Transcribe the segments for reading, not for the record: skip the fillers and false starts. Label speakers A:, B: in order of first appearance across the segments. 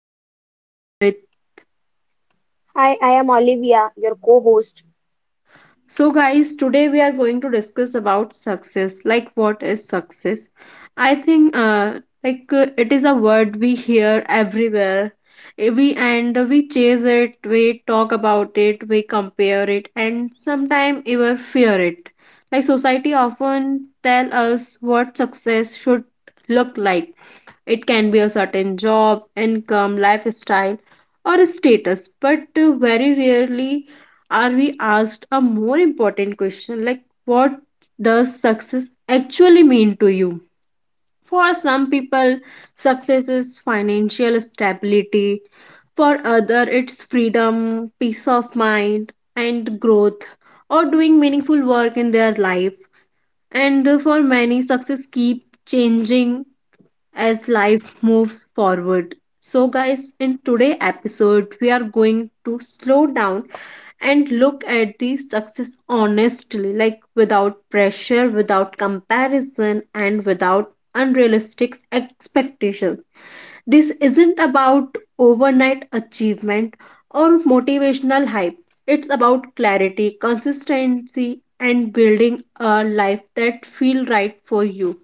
A: and today I am with.
B: Hi, I am Olivia, your co host.
A: So, guys, today we are going to discuss about success. Like, what is success? I think, it is a word we hear everywhere. We chase it, we talk about it, we compare it, and sometimes even fear it. Like, society often tell us what success should look like. It can be a certain job, income, lifestyle, or a status, but very rarely are we asked a more important question like what does success actually mean to you? For some people, success is financial stability. For other, it's freedom, peace of mind, and growth, or doing meaningful work in their life. And for many, success keep changing as life moves forward. So, guys, in today episode, we are going to slow down and look at the success honestly, like without pressure, without comparison, and without unrealistic expectations. This isn't about overnight achievement or motivational hype, it's about clarity, consistency, and building a life that feel right for you.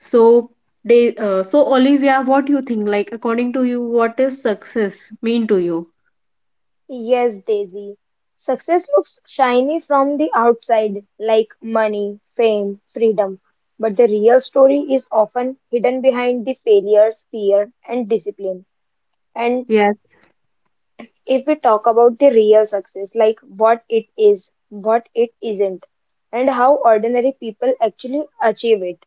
A: So, so Olivia, what do you think? Like, according to you, what is success mean to you?
B: Yes, Daisy. Success looks shiny from the outside, like money, fame, freedom. But the real story is often hidden behind the failures, fear, and discipline. And
A: Yes.
B: if we talk about the real success, like what it is, what it isn't, and how ordinary people actually achieve it.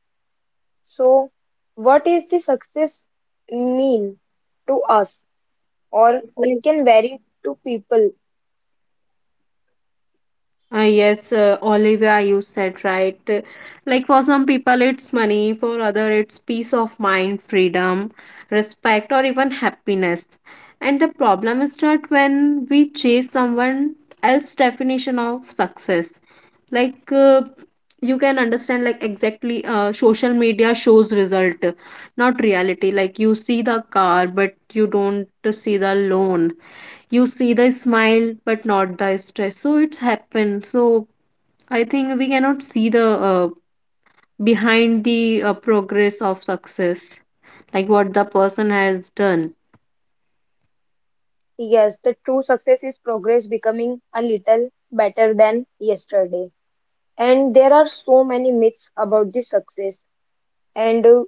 B: So, what is the success mean to us? Or it can vary to people.
A: Yes, Olivia, you said right. Like for some people, it's money, for other, it's peace of mind, freedom, respect, or even happiness. And the problem is that when we chase someone else's definition of success, like you can understand, like exactly, social media shows result, not reality. Like you see the car, but you don't see the loan, you see the smile but not the stress. So it's happened. So I think we cannot see the uh, behind the progress of success, like what the person has done.
B: Yes, the true success is progress becoming a little better than yesterday. And there are so many myths about this success. And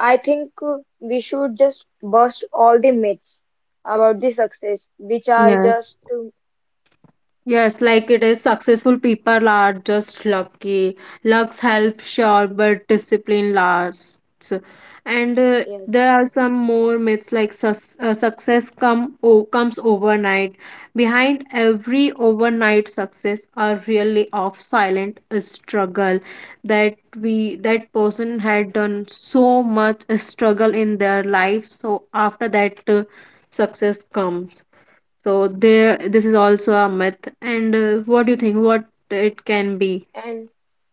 B: I think we should just bust all the myths about the success, which are
A: Yes.
B: just,
A: Yes, like it is, successful people are just lucky. Luck helps sure, but discipline lasts. And
B: yes.
A: there are some more myths like success comes overnight. Behind every overnight success are really of silent struggle, that we that person had done so much struggle in their life. So after that success comes. So there, this is also a myth. And what do you think? What it can be?
B: And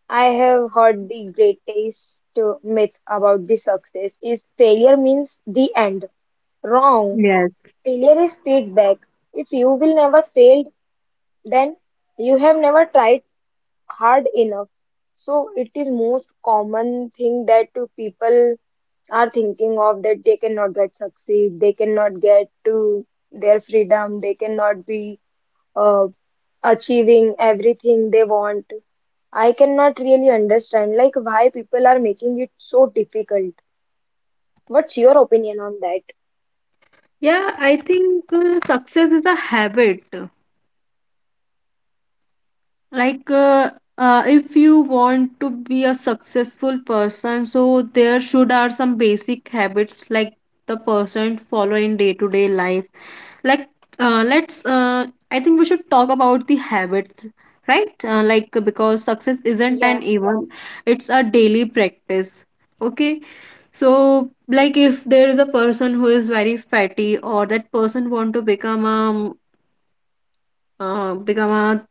B: I have heard the greatest myth about the success is failure means the end. Wrong.
A: Yes.
B: Failure is feedback. If you will never fail, then you have never tried hard enough. So it is most common thing that to people are thinking of that they cannot get succeed, they cannot get to their freedom, they cannot be uh, achieving everything they want. I cannot really understand like why people are making it so difficult. What's your opinion on that?
A: Yeah, I think success is a habit. Like if you want to be a successful person, so there should are some basic habits like the person follow in day to day life, like let's I think we should talk about the habits, right? Like, because success isn't
B: Yeah,
A: an event, it's a daily practice. Okay. So like, if there is a person who is very fatty, or that person want to become a uh, become a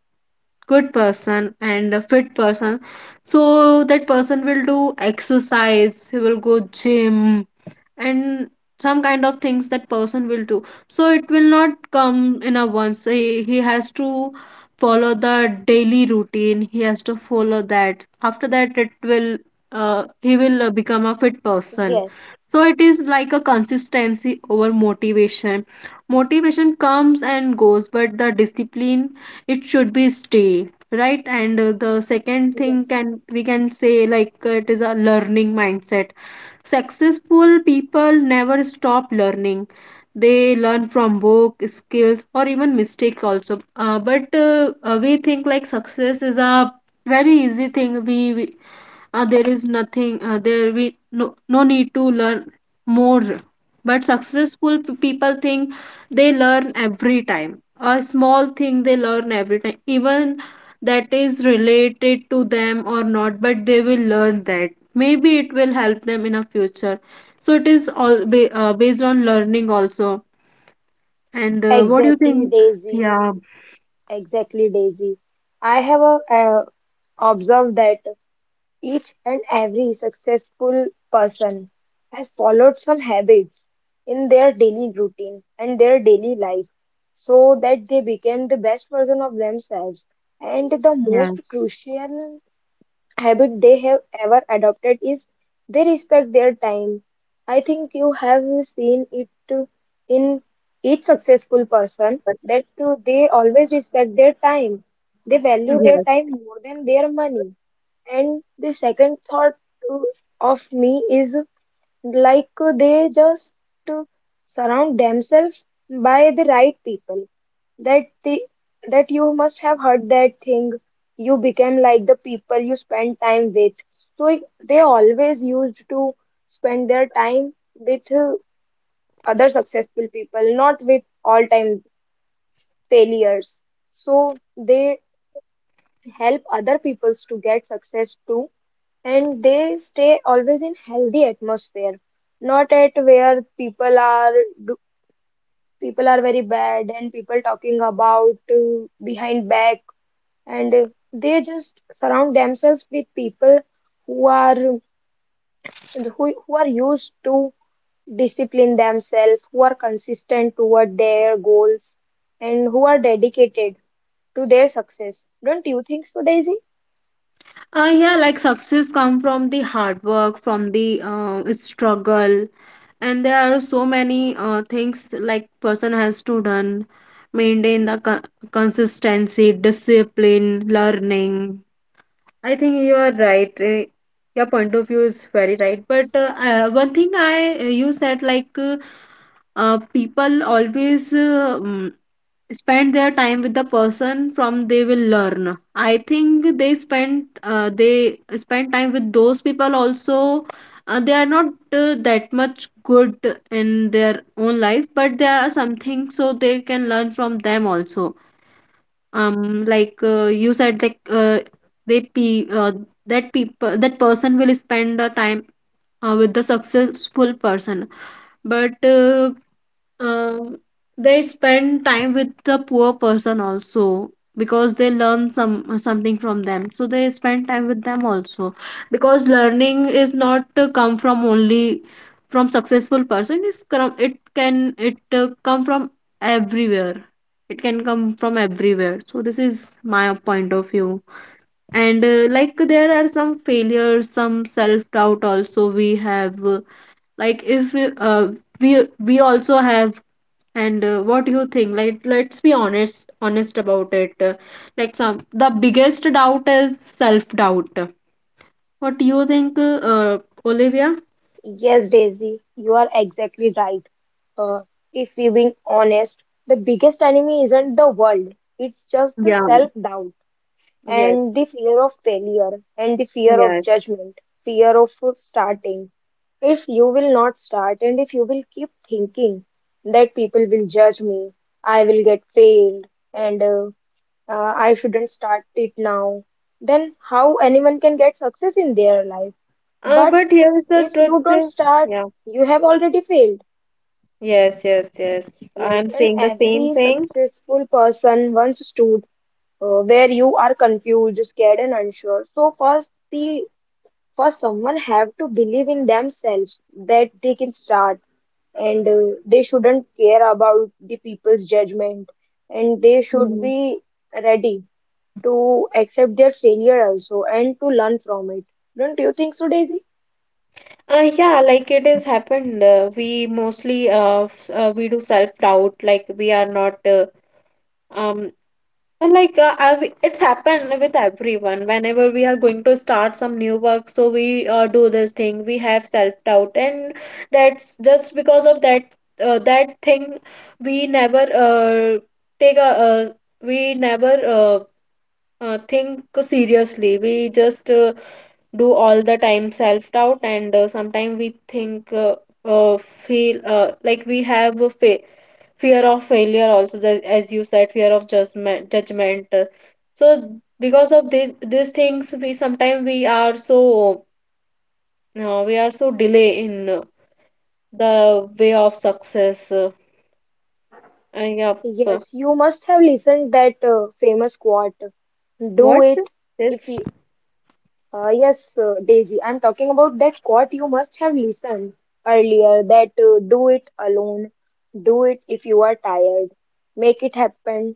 A: good person and a fit person, so that person will do exercise, he will go gym, and some kind of things that person will do. So it will not come in a once, he has to follow the daily routine, he has to follow that. After that, it will he will become a fit person.
B: yes,
A: So it is like a consistency over motivation. Motivation comes and goes, but the discipline, it should be stay, right? And the second thing
B: yes.
A: can we can say, like, it is a learning mindset. Successful people never stop learning. They learn from book, skills, or even mistake also. But we think like success is a very easy thing. We, there is nothing. There we no need to learn more. But successful people think they learn every time. A small thing they learn every time, even that is related to them or not. But they will learn that, maybe it will help them in a future. So it is all based on learning also. And what do you
B: Exactly,
A: think?
B: Daisy.
A: Yeah.
B: Exactly, Daisy. I have observed that. Each and every successful person has followed some habits in their daily routine and their daily life so that they became the best version of themselves. And the most
A: Yes.
B: crucial habit they have ever adopted is they respect their time. I think you have seen it in each successful person that they always respect their time. They value their
A: Yes.
B: time more than their money. And the second thought uh, of me is like they just uh, surround themselves by the right people. That the that you must have heard that thing. You became like the people you spend time with. So it- they always used to spend their time with other successful people, not with all-time failures. So they help other peoples to get success too, and they stay always in healthy atmosphere, not at where people are do, people are very bad and people talking about behind back. And they just surround themselves with people who are who are used to discipline themselves, who are consistent toward their goals and who are dedicated to their success. Don't you think so, Daisy?
A: Yeah, like success come from the hard work, from the struggle, and there are so many things like person has to done, maintain the consistency, discipline, learning. I think you are right. Your point of view is very right. But one thing I you said, like, people always spend their time with the person from they will learn. I think they spend time with those people also. They are not that much good in their own life, but there are something so they can learn from them also. Like you said, like, they pe- that people that person will spend the time with the successful person, but um, they spend time with the poor person also, because they learn some something from them. So they spend time with them also, because learning is not come from only from successful person. Is it can it come from everywhere. It can come from everywhere. So this is my point of view. And like, there are some failures, some self doubt also we have. Like if we we also have. And what do you think, like, let's be honest about it. Like, some, the biggest doubt is self doubt. What do you think, Olivia?
B: Yes, Daisy, you are exactly right. Uh, if we being honest, the biggest enemy isn't the world. It's just the
A: Yeah,
B: self-doubt
A: yes,
B: and the fear of failure and the fear of
A: yes.
B: judgment, fear of starting. If you will not start and if you will keep thinking that people will judge me, I will get failed, and I shouldn't start it now, then how anyone can get success in their life? But
A: But here's the
B: if you don't
A: truth.
B: start,
A: Yeah,
B: you have already failed.
A: yes, yes, yes.
B: Yes,
A: I'm
B: and
A: saying the same
B: every
A: thing.
B: successful person once stood where you are confused, scared, and unsure. So first, the first someone have to believe in themselves that they can start, and they shouldn't care about the people's judgment, and they should
A: Mm.
B: be ready to accept their failure also and to learn from it. Don't you think so, Daisy?
A: Yeah, like it has happened. We mostly we do self doubt, like we are not um and like I, it's happened with everyone whenever we are going to start some new work, so we do this thing, we have self doubt. And that's just because of that that thing, we never take a uh, we never think seriously. We just do all the time self doubt. And sometimes we think feel like we have a fa fear of failure also, as you said, fear of judgment. So because of these things we sometimes, we are so delay in the way of success. And yeah. p-
B: Yes, you must have listened that famous quote, do
A: what
B: it if
A: this
B: you, yes, Daisy, I'm talking about that quote you must have listened earlier that do it alone, do it if you are tired, make it happen,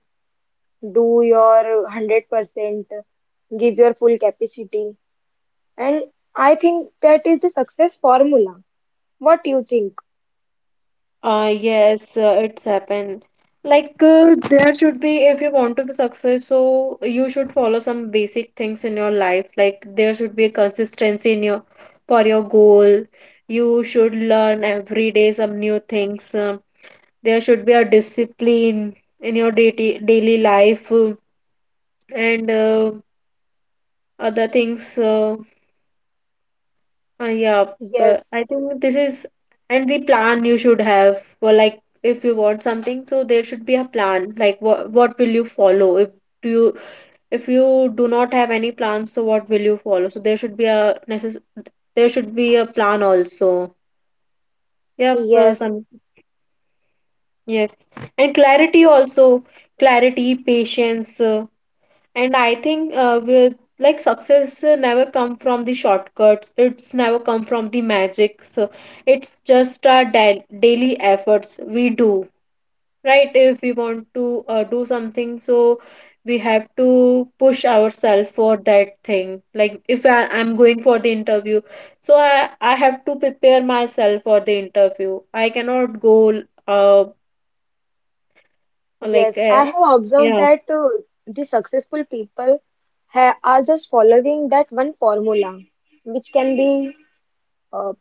B: do your 100%, give your full capacity. And I think that is the success formula. What do you think?
A: Yes, it's happened. Like, there should be, if you want to be successful, so you should follow some basic things in your life. Like, there should be a consistency in your, for your goal. You should learn every day some new things. There should be a discipline in your daily life, and other things. Yeah, but
B: Yes,
A: I think this is, and the plan you should have for, like, if you want something, so there should be a plan. Like what will you follow? Do you if you do not have any plans, so what will you follow? So there should be a necess there should be a plan also. Yep,
B: yes.
A: some Yes, and clarity also. Clarity, patience. And I think with, like, success never come from the shortcuts. It's never come from the magic. So it's just our daily efforts we do, right? If we want to do something, so we have to push ourselves for that thing. Like if I'm going for the interview, so I have to prepare myself for the interview. I cannot go uh. like
B: Yes,
A: uh,
B: I have observed
A: yeah.
B: that the successful people ha are just following that one formula, which can be uh,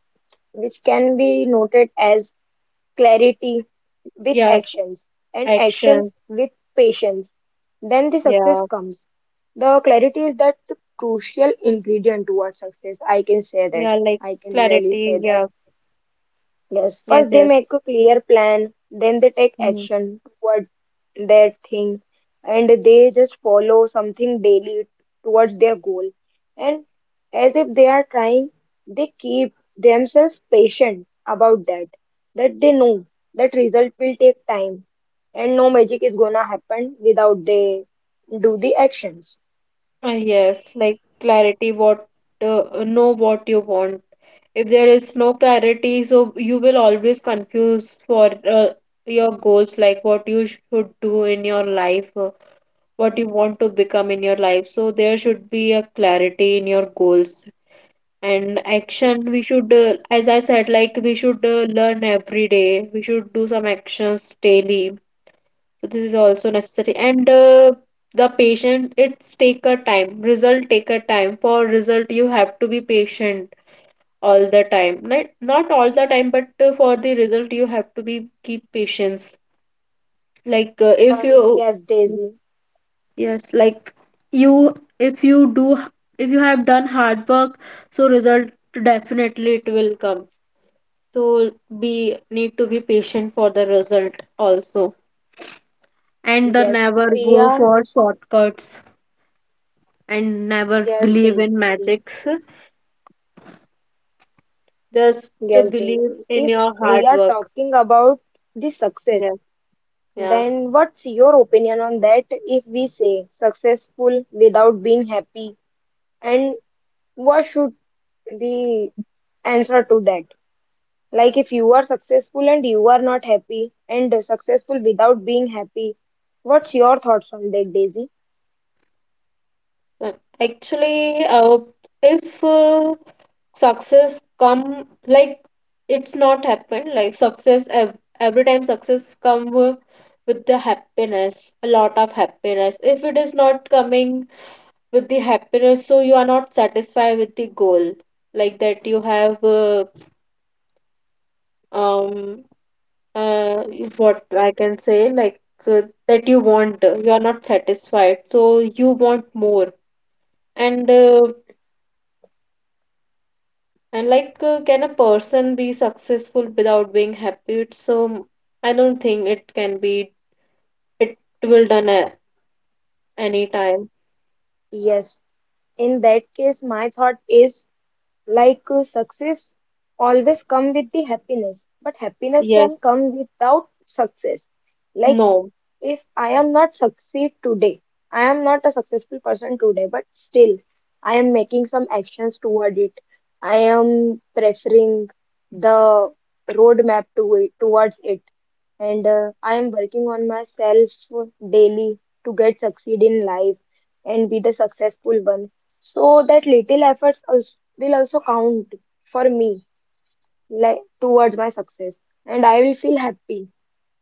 B: which can be noted as clarity with
A: Yes.
B: actions and actions
A: Actions.
B: with patience. Then the success
A: Yeah.
B: comes. The clarity is that the crucial ingredient towards success. I can say that.
A: Yeah, like,
B: I can really
A: clarity.
B: say that.
A: Yeah,
B: Yes,
A: yes,
B: first they
A: yes.
B: make a clear plan, then they take
A: Mm.
B: action toward that thing, and they just follow something daily towards their goal. And as if they are trying, they keep themselves patient about that, that they know that result will take time, and no magic is gonna happen without they do the actions.
A: Yes, like, clarity, what know what you want. If there is no clarity, so you will always confuse for your goals, like what you should do in your life, what you want to become in your life. So there should be a clarity in your goals and action. We should, as I said, like, we should learn every day. We should do some actions daily. So this is also necessary. And the patient, it's take a time. Result take a time. For result, you have to be patient all the time. Not all the time, but for the result, you have to be keep patience. Like if
B: Uh,
A: you,
B: yes, Daisy.
A: yes, like if you do, if you have done hard work, so result, definitely it will come. So be need to be patient for the result also, and
B: Yes,
A: never
B: we
A: go
B: are.
A: for shortcuts, and never
B: Yes,
A: believe
B: Daisy.
A: in magics. Just to
B: Yes,
A: believe
B: Daisy.
A: in
B: If
A: your
B: we
A: hard
B: are
A: work.
B: talking about the success,
A: Yes. Yeah.
B: then what's your opinion on that? If we say successful without being happy, and what should the answer to that? Like if you are successful and you are not happy, and successful without being happy, what's your thoughts on that, Daisy?
A: Uh, Actually, if success come, like, it's not happen. Like, every time success come with the happiness, a lot of happiness. If it is not coming with the happiness, so you are not satisfied with the goal, like that you have um is what I can say, like, that you want, you are not satisfied, so you want more. And like, can a person be successful without being happy? It's I don't think it can be. It will done at any time.
B: Yes, in that case, my thought is like success always come with the happiness, but happiness can
A: Yes.
B: come without success. Like
A: No.
B: if I am not succeed today, I am not a successful person today, but still I am making some actions toward it. I am preferring the roadmap to it, towards it. And I am working on myself daily to get succeed in life and be the successful one. So that little efforts also, will also count for me, like towards my success, and I will feel happy.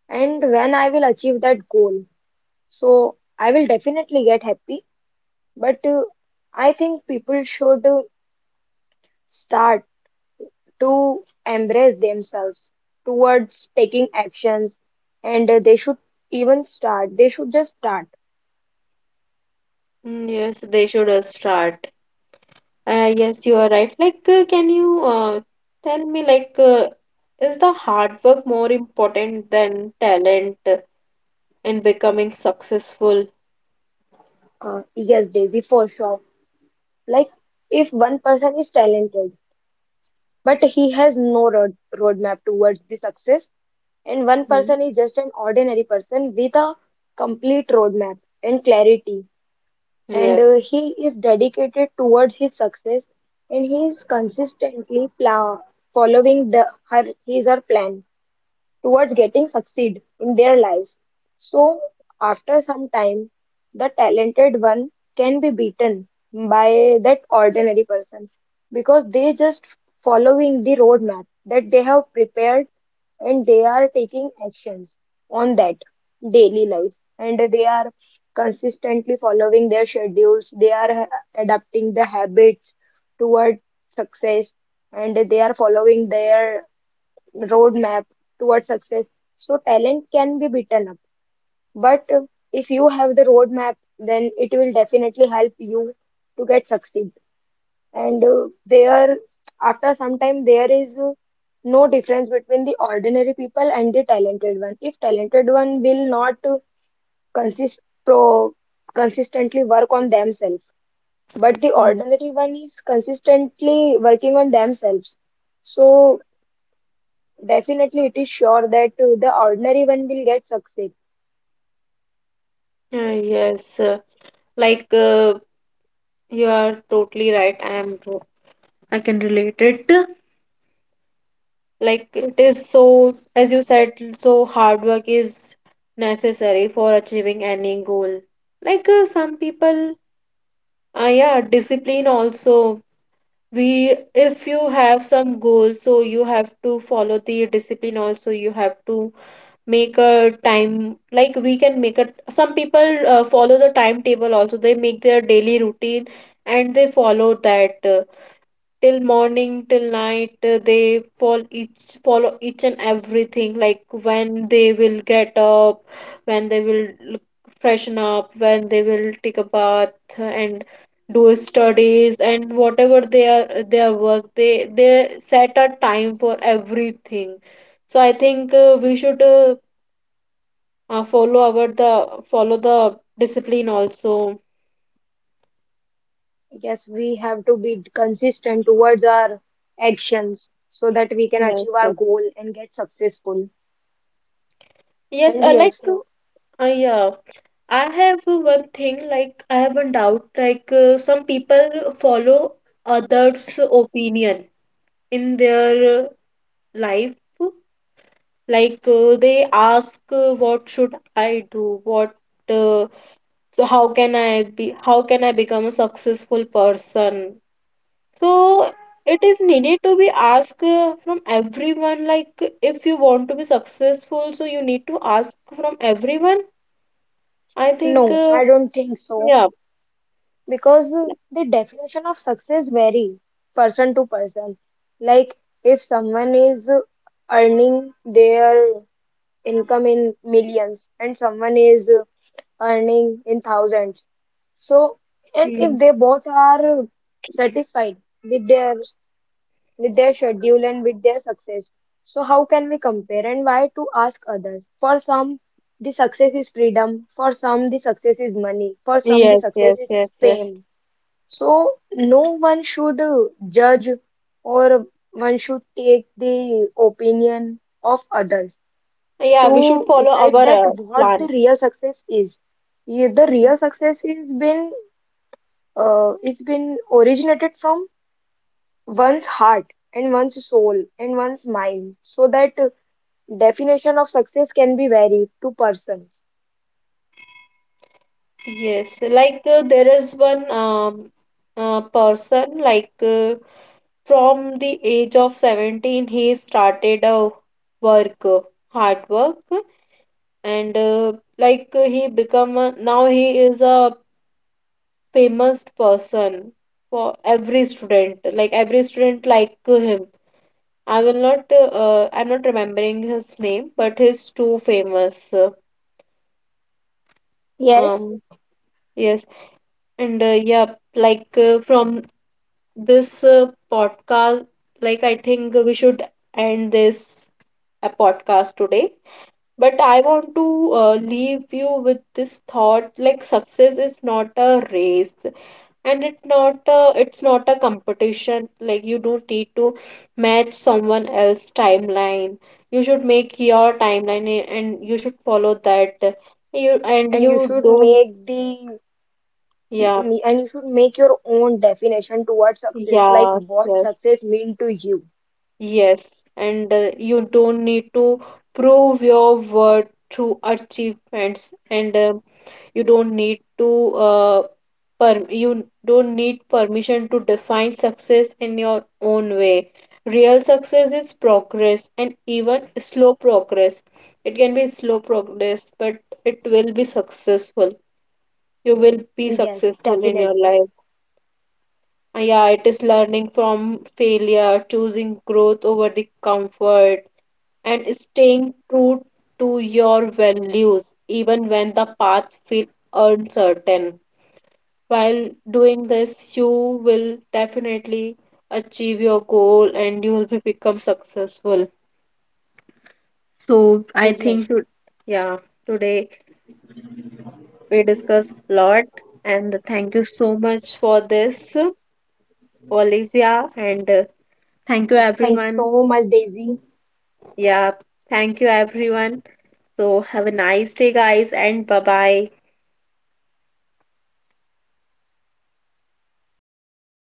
B: And when I will achieve that goal, so I will definitely get happy. But I think people should start to embrace themselves towards taking actions, and they should even start they should just start.
A: Mm, yes, they should start. Yes, you are right. Like, can you tell me, like, is the hard work more important than talent in becoming successful?
B: Yes, Daisy, for sure. Like if one person is talented but he has no roadmap towards the success, and one
A: Mm.
B: person is just an ordinary person with a complete roadmap and clarity, and
A: Yes.
B: he is dedicated towards his success and he is consistently following the her his or plan towards getting succeed in their lives. So after some time, the talented one can be beaten by that ordinary person because they just following the roadmap that they have prepared and they are taking actions on that daily life, and they are consistently following their schedules, they are adapting the habits toward success, and they are following their roadmap towards success. So talent can be beaten up, but if you have the roadmap, then it will definitely help you to get succeed. And after some time, there is no difference between the ordinary people and the talented one. If talented one will not consist pro consistently work on themselves, but the
A: Mm.
B: ordinary one is consistently working on themselves. So definitely, it is sure that the ordinary one will get success.
A: Yes. Like you are totally right. I can relate it. Like it is so, as you said, so hard work is necessary for achieving any goal. Like some people, yeah, discipline also. If you have some goal, so you have to follow the discipline also. You have to make a time. Like we can make a some people follow the timetable also. They make their daily routine and they follow that till morning till night. They follow each and everything, like when they will get up, when they freshen up, when they will take a bath and do studies and whatever their work they set a time for everything. So I think we should follow our the follow the discipline also.
B: Yes, we have to be consistent towards our actions so that we can achieve
A: Yes.
B: our goal and get successful.
A: Yes,
B: And
A: I like
B: yes,
A: uh, yeah. I have one thing, like I have one doubt, like some people follow others' opinion in their life, like they ask, what should I do, what, uh, so how can I be, how can I become a successful person? So it is needed to be asked from everyone. Like if you want to be successful, so you need to ask from everyone. I think,
B: no, I don't think so,
A: yeah.
B: because the definition of success vary person to person. Like if someone is earning their income in millions, and someone is earning in thousands. So, and
A: Hmm.
B: if they both are satisfied with their with their schedule and with their success, so how can we compare and why to ask others? For some, the success is freedom. For some, the success is money. For some, the
A: Yes,
B: success
A: yes,
B: is
A: yes, yes.
B: fame. So no one should judge or one should take the opinion of others
A: Yeah, we should
B: to
A: follow
B: decide
A: our
B: that what the
A: plan.
B: real success is. Yeah, the real success is been originated from one's heart and one's soul and one's mind. So that definition of success can be varied to persons.
A: Yes, like there is one person like from the age of 17 he started a work, hard work. And like he become a, now he is a famous person for every student, like every student like him. I will not I'm not remembering his name, but he's too famous.
B: Yes,
A: Um yes. And yeah, like from this podcast, like I think we should end this podcast today. But I want to leave you with this thought, like success is not a race and it's not a competition. Like you don't need to match someone else's timeline. You should make your timeline and you should follow that. You and
B: and you
A: you
B: should
A: don't
B: make the
A: Yeah,
B: and you should make your own definition towards success, like
A: yes,
B: what
A: yes.
B: success mean to you.
A: Yes, and you don't need to prove your worth through achievements. And you don't need to uh, you don't need permission to define success in your own way. Real success is progress, and even slow progress, it can be slow progress, but it will be successful. You will be
B: Yes,
A: successful in your
B: definitely.
A: life. Yeah, it is learning from failure, choosing growth over the comfort, and staying true to your values, even when the path feels uncertain. While doing this, you will definitely achieve your goal and you will be become successful. So I
B: Yes.
A: think to, yeah, today we discuss a lot, and thank you so much for this, Olivia, and thank you
B: Thank you
A: everyone.
B: so much, Daisy.
A: Yeah, thank you everyone. So have a nice day, guys, and bye bye.